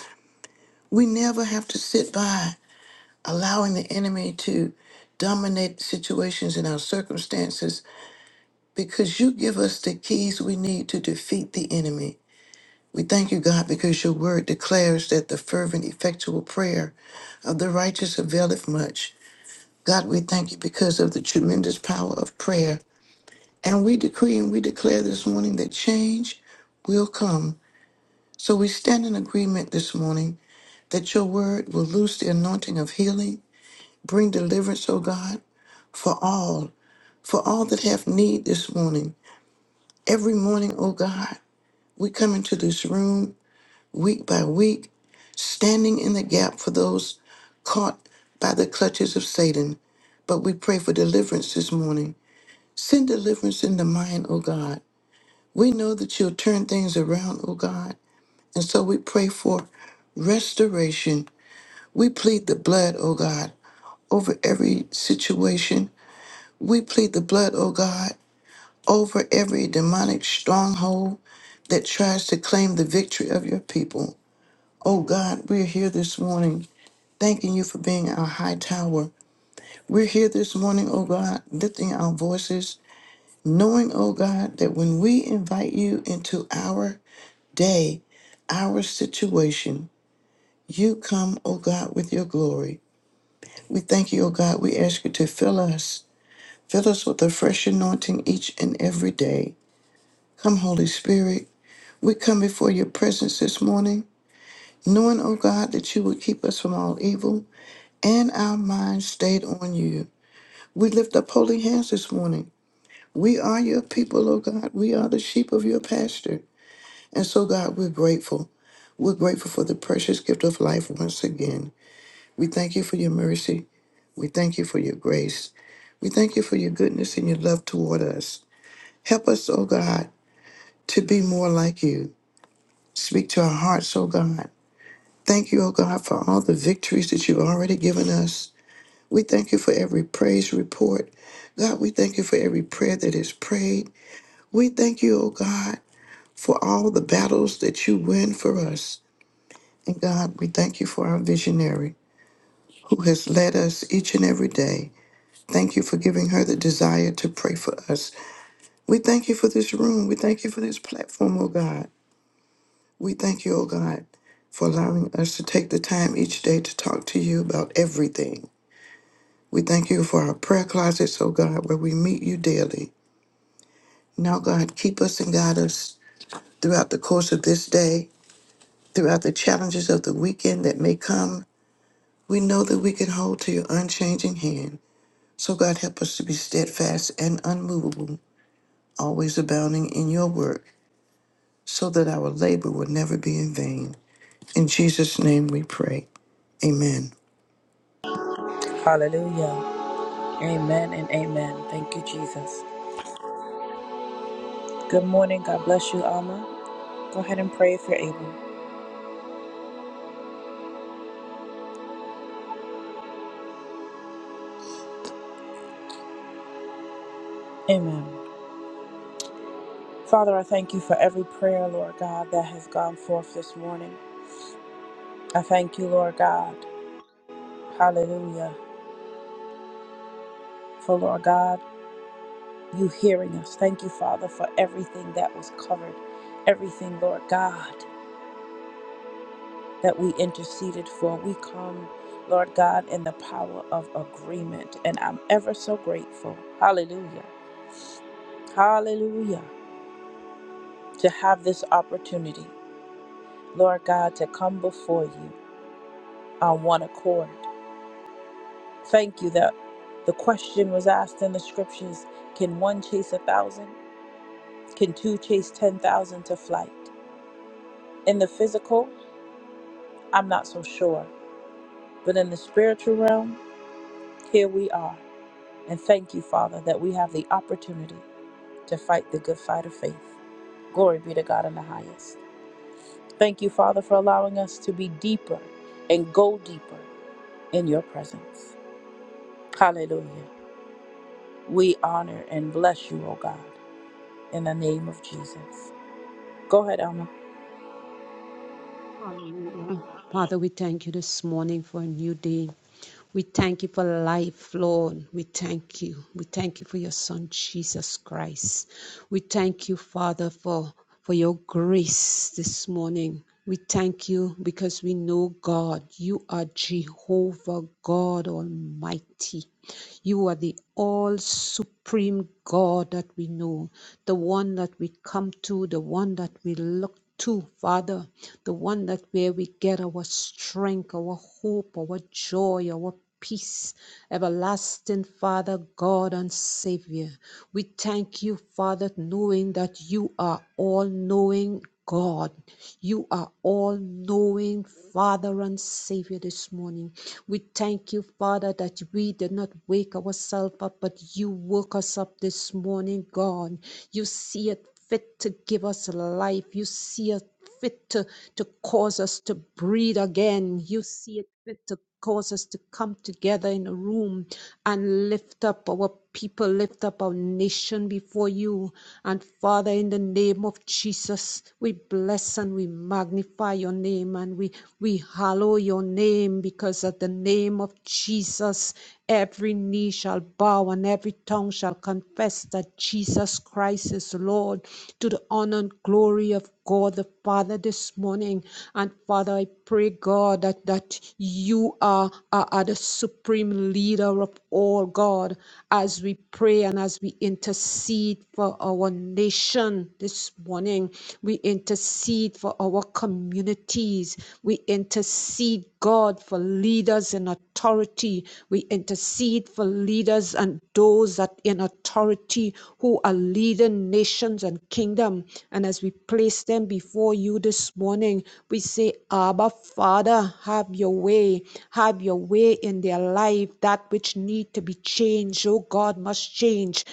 We never have to sit by allowing the enemy to dominate situations and our circumstances because you give us the keys we need to defeat the enemy. We thank you, God, because your word declares that the fervent, effectual prayer of the righteous availeth much. God, we thank you because of the tremendous power of prayer. And we decree and we declare this morning that change will come. So we stand in agreement this morning that your word will loose the anointing of healing, bring deliverance, O God, for all, for all that have need this morning. Every morning, O God, we come into this room week by week, standing in the gap for those caught by the clutches of Satan. But we pray for deliverance this morning. Send deliverance in the mind, O God. We know that you'll turn things around, O God. And so we pray for restoration We plead the blood, oh God, over every situation. We plead the blood, oh God, over every demonic stronghold that tries to claim the victory of your people. Oh God, we're here this morning thanking you for being our high tower. We're here this morning, oh God, lifting our voices, knowing, oh God, that when we invite you into our day, our situation, you come, oh God, with your glory. We thank you, oh God. We ask you to fill us Fill us with a fresh anointing each and every day. Come, Holy Spirit, we come before your presence this morning, knowing, O God, that you would keep us from all evil and our minds stayed on you. We lift up holy hands this morning. We are your people, O God. We are the sheep of your pasture. And so, God, we're grateful. We're grateful for the precious gift of life once again. We thank you for your mercy. We thank you for your grace. We thank you for your goodness and your love toward us. Help us, O God, to be more like you. Speak to our hearts, oh God. Thank you, oh God, for all the victories that you've already given us. We thank you for every praise report. God, we thank you for every prayer that is prayed. We thank you, oh God, for all the battles that you win for us. And God, we thank you for our visionary who has led us each and every day. Thank you for giving her the desire to pray for us. We thank you for this room. We thank you for this platform, oh God. We thank you, O God, for allowing us to take the time each day to talk to you about everything. We thank you for our prayer closets, O God, where we meet you daily. Now, God, keep us and guide us throughout the course of this day, throughout the challenges of the weekend that may come. We know that we can hold to your unchanging hand. So, God, help us to be steadfast and unmovable, always abounding in your work, so that our labor will never be in vain. In Jesus' name we pray. Amen. Hallelujah. Amen and amen. Thank you, Jesus. Good morning. God bless you, Alma. Go ahead and pray if you're able. Amen. Father, I thank you for every prayer, Lord God, that has gone forth this morning. I thank you, Lord God. Hallelujah. For, Lord God, you hearing us. Thank you, Father, for everything that was covered. Everything, Lord God. that we interceded for. We come, Lord God, in the power of agreement. And I'm ever so grateful. Hallelujah. Hallelujah. To have this opportunity, Lord God, to come before you on one accord. Thank you that the question was asked in the scriptures can one chase a thousand? Can two chase 10,000 to flight? In the physical, I'm not so sure. But in the spiritual realm, here we are. And thank you, Father, that we have the opportunity to fight the good fight of faith. Glory be to God in the highest. Thank you, Father, for allowing us to be deeper and go deeper in your presence. Hallelujah. We honor and bless you, O God, in the name of Jesus. Go ahead, Alma. Hallelujah. Father, we thank you this morning for a new day. We thank you for life, Lord. We thank you. We thank you for your son, Jesus Christ. We thank you, Father, for, for your grace this morning. We thank you because we know God. You are Jehovah God Almighty. You are the all supreme God that we know, the one that we come to, the one that we look to, Father, the one that where we get our strength, our hope, our joy, our peace, everlasting Father, God and Savior. We thank you, Father, knowing that you are all knowing God. You are all knowing Father and Savior this morning. We thank you, Father, that we did not wake ourselves up, but you woke us up this morning, God. You see it fit to give us life. You see it fit to, to cause us to breathe again. You see it fit to cause us to come together in a room and lift up our people, lift up our nation before you. And Father, in the name of Jesus, we bless and we magnify your name and we, we hallow your name because at the name of Jesus, Every knee shall bow and every tongue shall confess that Jesus Christ is Lord to the honor and glory of God the Father this morning. And Father, I pray, God, that, that you are, are, are the supreme leader of all, God, as we pray and as we intercede for our nation this morning. We intercede for our communities. We intercede, God, for leaders in authority. We intercede for leaders and those that in authority who are leading nations and kingdom. And as we place them before you this morning, we say, Abba, Father, have your way. Have your way in their life. That which need to be changed, oh God, must change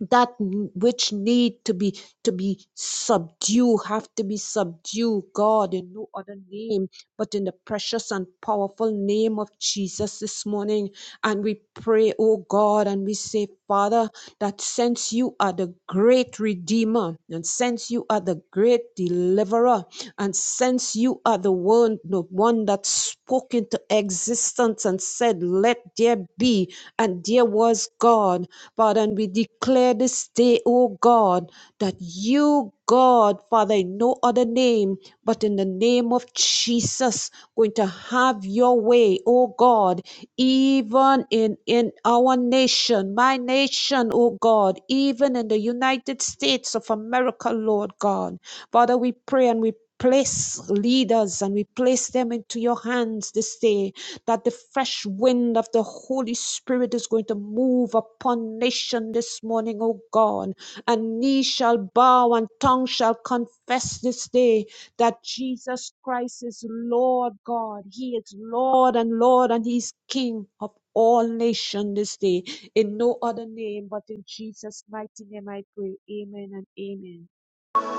that n- which need to be to be subdued have to be subdued god in no other name but in the precious and powerful name of jesus this morning and we pray oh god and we say father that since you are the great redeemer and since you are the great deliverer and since you are the one the one that spoke into existence and said let there be and there was God. Father, and we declare this day, oh God, that you, God, Father, in no other name, but in the name of Jesus, going to have your way, oh God, even in, in our nation, my nation, oh God, even in the United States of America, Lord God. Father, we pray and we place leaders and we place them into your hands this day that the fresh wind of the Holy Spirit is going to move upon nation this morning, O God. And knee shall bow and tongue shall confess this day that Jesus Christ is Lord God. He is Lord and Lord and He is King of all nations this day. In no other name but in Jesus' mighty name I pray. Amen and amen.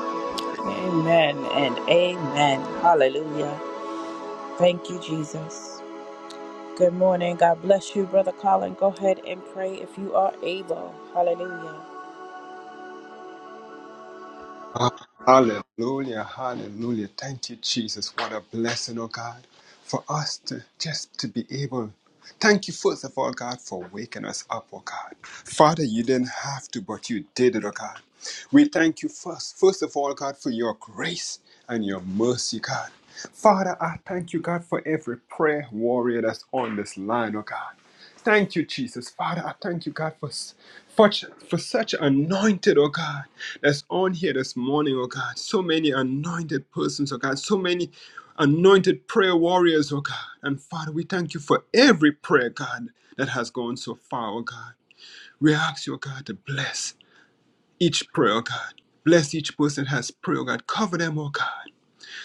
God bless. Amen and amen. Hallelujah. Thank you, Jesus. Good morning. God bless you, Brother Colin. Go ahead and pray if you are able. Hallelujah. Ah, Hallelujah, hallelujah. Thank you, Jesus. What a blessing, oh God, for us to just to be able. Thank you, first of all, God, for waking us up, oh God. Father, you didn't have to, but you did it, oh God. We thank you first, first of all, God, for your grace and your mercy, God. Father, I thank you, God, for every prayer warrior that's on this line, oh God. Thank you, Jesus. Father, I thank you, God, for, for, for such anointed, oh God, that's on here this morning, oh God. So many anointed persons, oh God. So many anointed prayer warriors, oh God. And Father, we thank you for every prayer, God, that has gone so far, oh God. We ask you, oh God, to bless each prayer, oh God. Bless each person that has prayer, oh God. Cover them, oh God.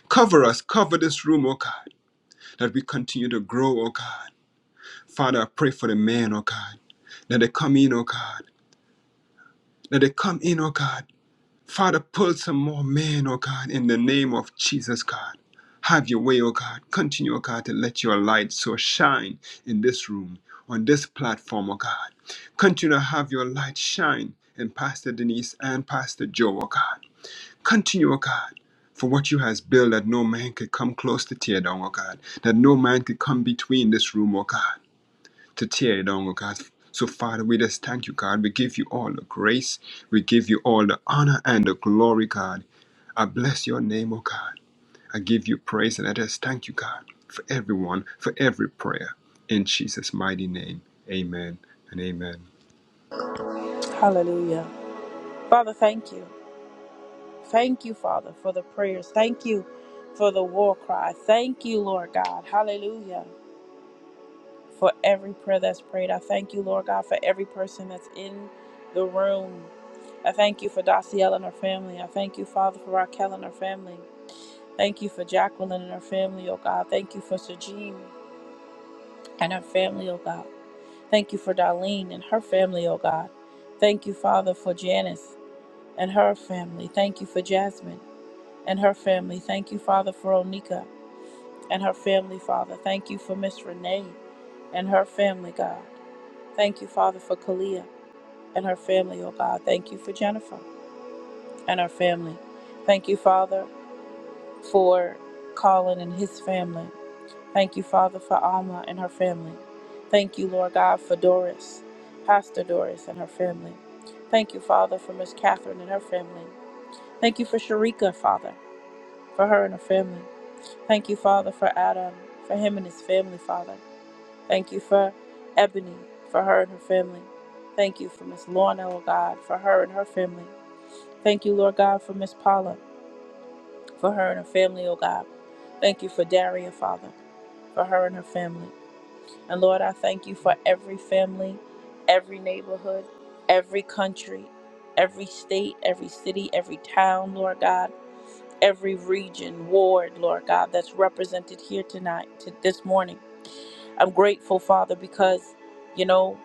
Cover us, cover this room, oh God, that we continue to grow, oh God. Father, I pray for the men, oh God, that they come in, oh God, that they come in, oh God. Father, pull some more men, oh God, in the name of Jesus, God. Have your way, oh God. Continue, oh God, to let your light so shine in this room, on this platform, oh God. Continue to have your light shine in Pastor Denise and Pastor Joe, oh God. Continue, oh God for what you has built that no man could come close to tear down, O God, that no man could come between this room, O God to tear it down, oh God. So, Father, we just thank you, God. We give you all the grace. We give you all the honor and the glory, God. I bless your name, oh God. I give you praise and I just thank you, God, for everyone, for every prayer. In Jesus' mighty name, amen and amen. Hallelujah. Father, thank you. Thank you, Father, for the prayers. Thank you for the war cry. Thank you, Lord God. Hallelujah. For every prayer that's prayed. I thank you, Lord God, for every person that's in the room. I thank you for Dossiel and her family. I thank you, Father, for Raquel and her family. Thank you for Jacqueline and her family, oh God. Thank you for Sajim and her family, oh God. Thank you for Darlene and her family, oh God. Thank you, Father, for Janice and her family. Thank you for Jasmine. and her family. Thank you, Father, for Onika and her family, Father. Thank you for Miss Renee and her family, God. Thank you, Father, for Kalia and her family, oh God. Thank you for Jennifer and her family. Thank you, Father, for Colin and his family. Thank you, Father, for Alma and her family. Thank you, Lord God, for Doris, Pastor Doris and her family. Thank you, Father, for Miss Catherine and her family. Thank you for Sharika, Father, for her and her family. Thank you, Father, for Adam, for him and his family, Father. Thank you for Ebony, for her and her family. Thank you for Miss Lorna, oh God, for her and her family. Thank you, Lord God, for Miss Paula, for her and her family, oh God. Thank you for Daria, Father, for her and her family. And Lord, I thank you for every family, every neighborhood, every country, every state, every city, every town, Lord God, every region, ward, Lord God, that's represented here tonight, to this morning. I'm grateful, Father, because, you know,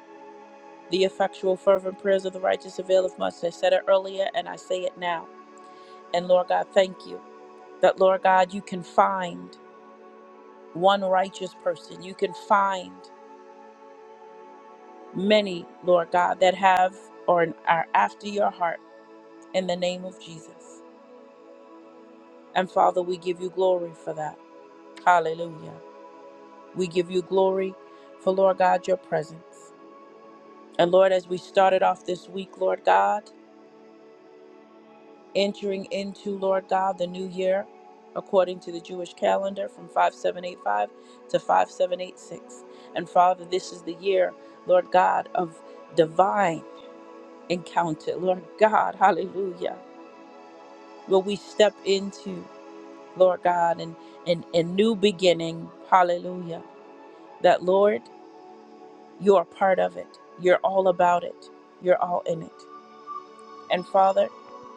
the effectual, fervent prayers of the righteous availeth much. I said it earlier and I say it now. And Lord God, thank you that, Lord God, you can find one righteous person. You can find many, Lord God, that have or are after your heart in the name of Jesus. And Father, we give you glory for that. Hallelujah. We give you glory for, Lord God, your presence. And Lord, as we started off this week, Lord God, entering into, Lord God, the new year according to the Jewish calendar from 5785 to 5786. And Father, this is the year, Lord God, of divine encounter. Lord God, hallelujah. Where we step into, Lord God, and and a new beginning, hallelujah. That Lord, you are part of it. You're all about it. You're all in it. And Father,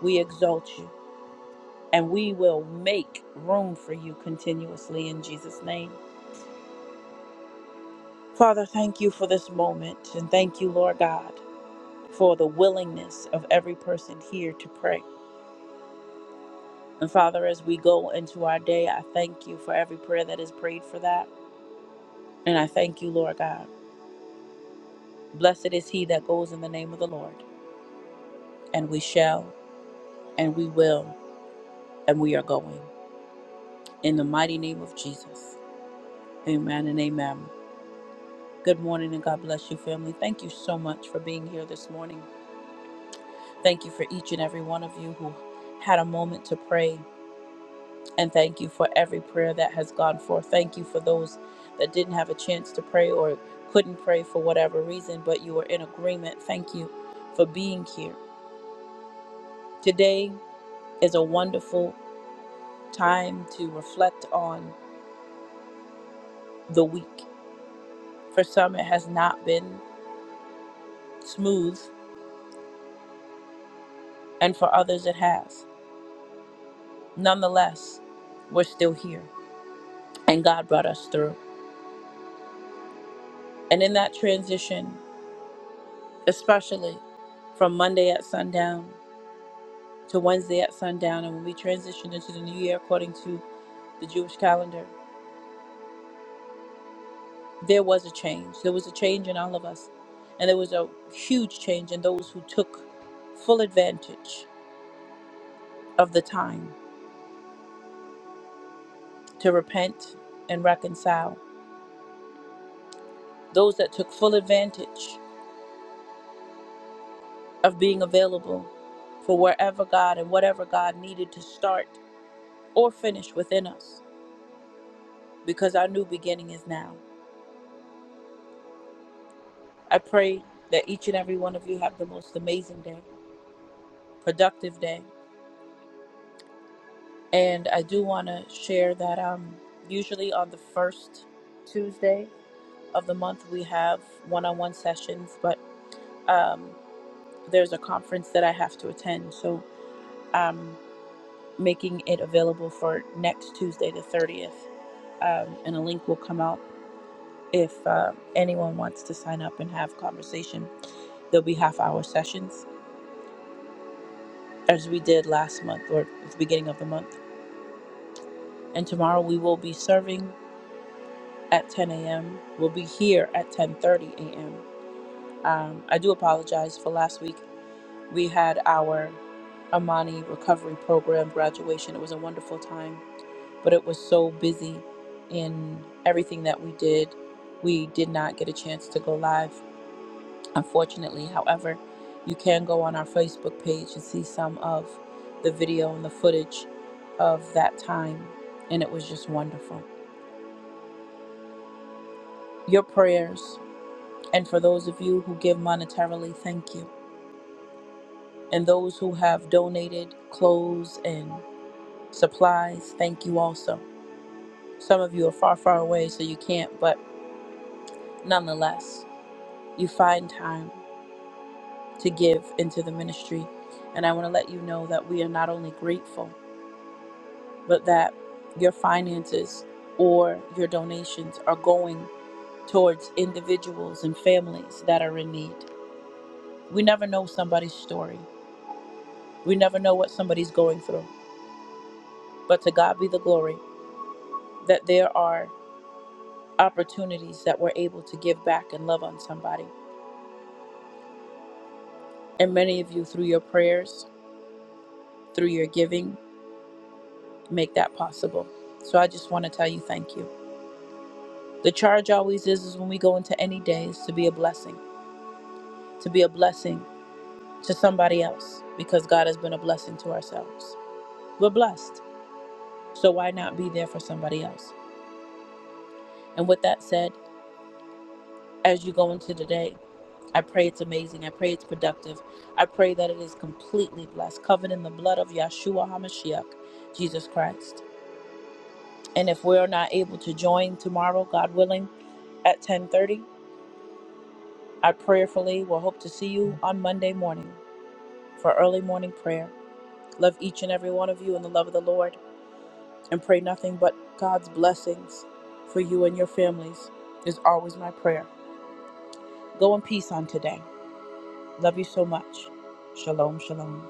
we exalt you. and we will make room for you continuously in Jesus' name. Father, thank you for this moment, and thank you, Lord God, for the willingness of every person here to pray. And Father, as we go into our day, I thank you for every prayer that is prayed for that. And I thank you, Lord God. Blessed is he that goes in the name of the Lord. And we shall, and we will, and we are going. In the mighty name of Jesus. Amen and amen. Good morning and God bless you, family. Thank you so much for being here this morning. Thank you for each and every one of you who had a moment to pray. And thank you for every prayer that has gone forth. Thank you for those that didn't have a chance to pray or couldn't pray for whatever reason, but you were in agreement. Thank you for being here. Today is a wonderful time to reflect on the week. For some, it has not been smooth, and for others, it has. Nonetheless, we're still here, and God brought us through. And in that transition, especially from Monday at sundown to Wednesday at sundown. And when we transitioned into the new year according to the Jewish calendar, there was a change. There was a change in all of us. And there was a huge change in those who took full advantage of the time to repent and reconcile. Those that took full advantage of being available for wherever God and whatever God needed to start or finish within us, because our new beginning is now. I pray that each and every one of you have the most amazing day, productive day. And I do want to share that um, usually on the first Tuesday of the month, we have one on one sessions, but um, there's a conference that I have to attend. So I'm making it available for next Tuesday, the 30th. Um, and a link will come out if uh, anyone wants to sign up and have conversation. There'll be half hour sessions as we did last month or at the beginning of the month and tomorrow we will be serving at 10 a.m. We'll be here at 10:30 a.m. Um, I do apologize for last week. We had our Amani Recovery Program graduation. It was a wonderful time, but it was so busy in everything that we did. We did not get a chance to go live, unfortunately. However, you can go on our Facebook page and see some of the video and the footage of that time, and it was just wonderful. Your prayers And for those of you who give monetarily, thank you. And those who have donated clothes and supplies, thank you also. Some of you are far, far away, so you can't, but nonetheless, you find time to give into the ministry. And I want to let you know that we are not only grateful, but that your finances or your donations are going towards individuals and families that are in need. We never know somebody's story, we never know what somebody's going through. But to God be the glory that there are opportunities that we're able to give back and love on somebody. And many of you, through your prayers, through your giving, make that possible. So I just want to tell you thank you. The charge always is, is when we go into any day is to be a blessing, to be a blessing to somebody else, because God has been a blessing to ourselves. We're blessed. So why not be there for somebody else? And with that said, as you go into the day. I pray it's amazing. I pray it's productive. I pray that it is completely blessed, covered in the blood of Yahshua HaMashiach, Jesus Christ. And if we're not able to join tomorrow, God willing, at 10:30, I prayerfully will hope to see you on Monday morning for early morning prayer. Love each and every one of you in the love of the Lord and pray nothing but God's blessings for you and your families is always my prayer. Go in peace on today. Love you so much. Shalom, shalom.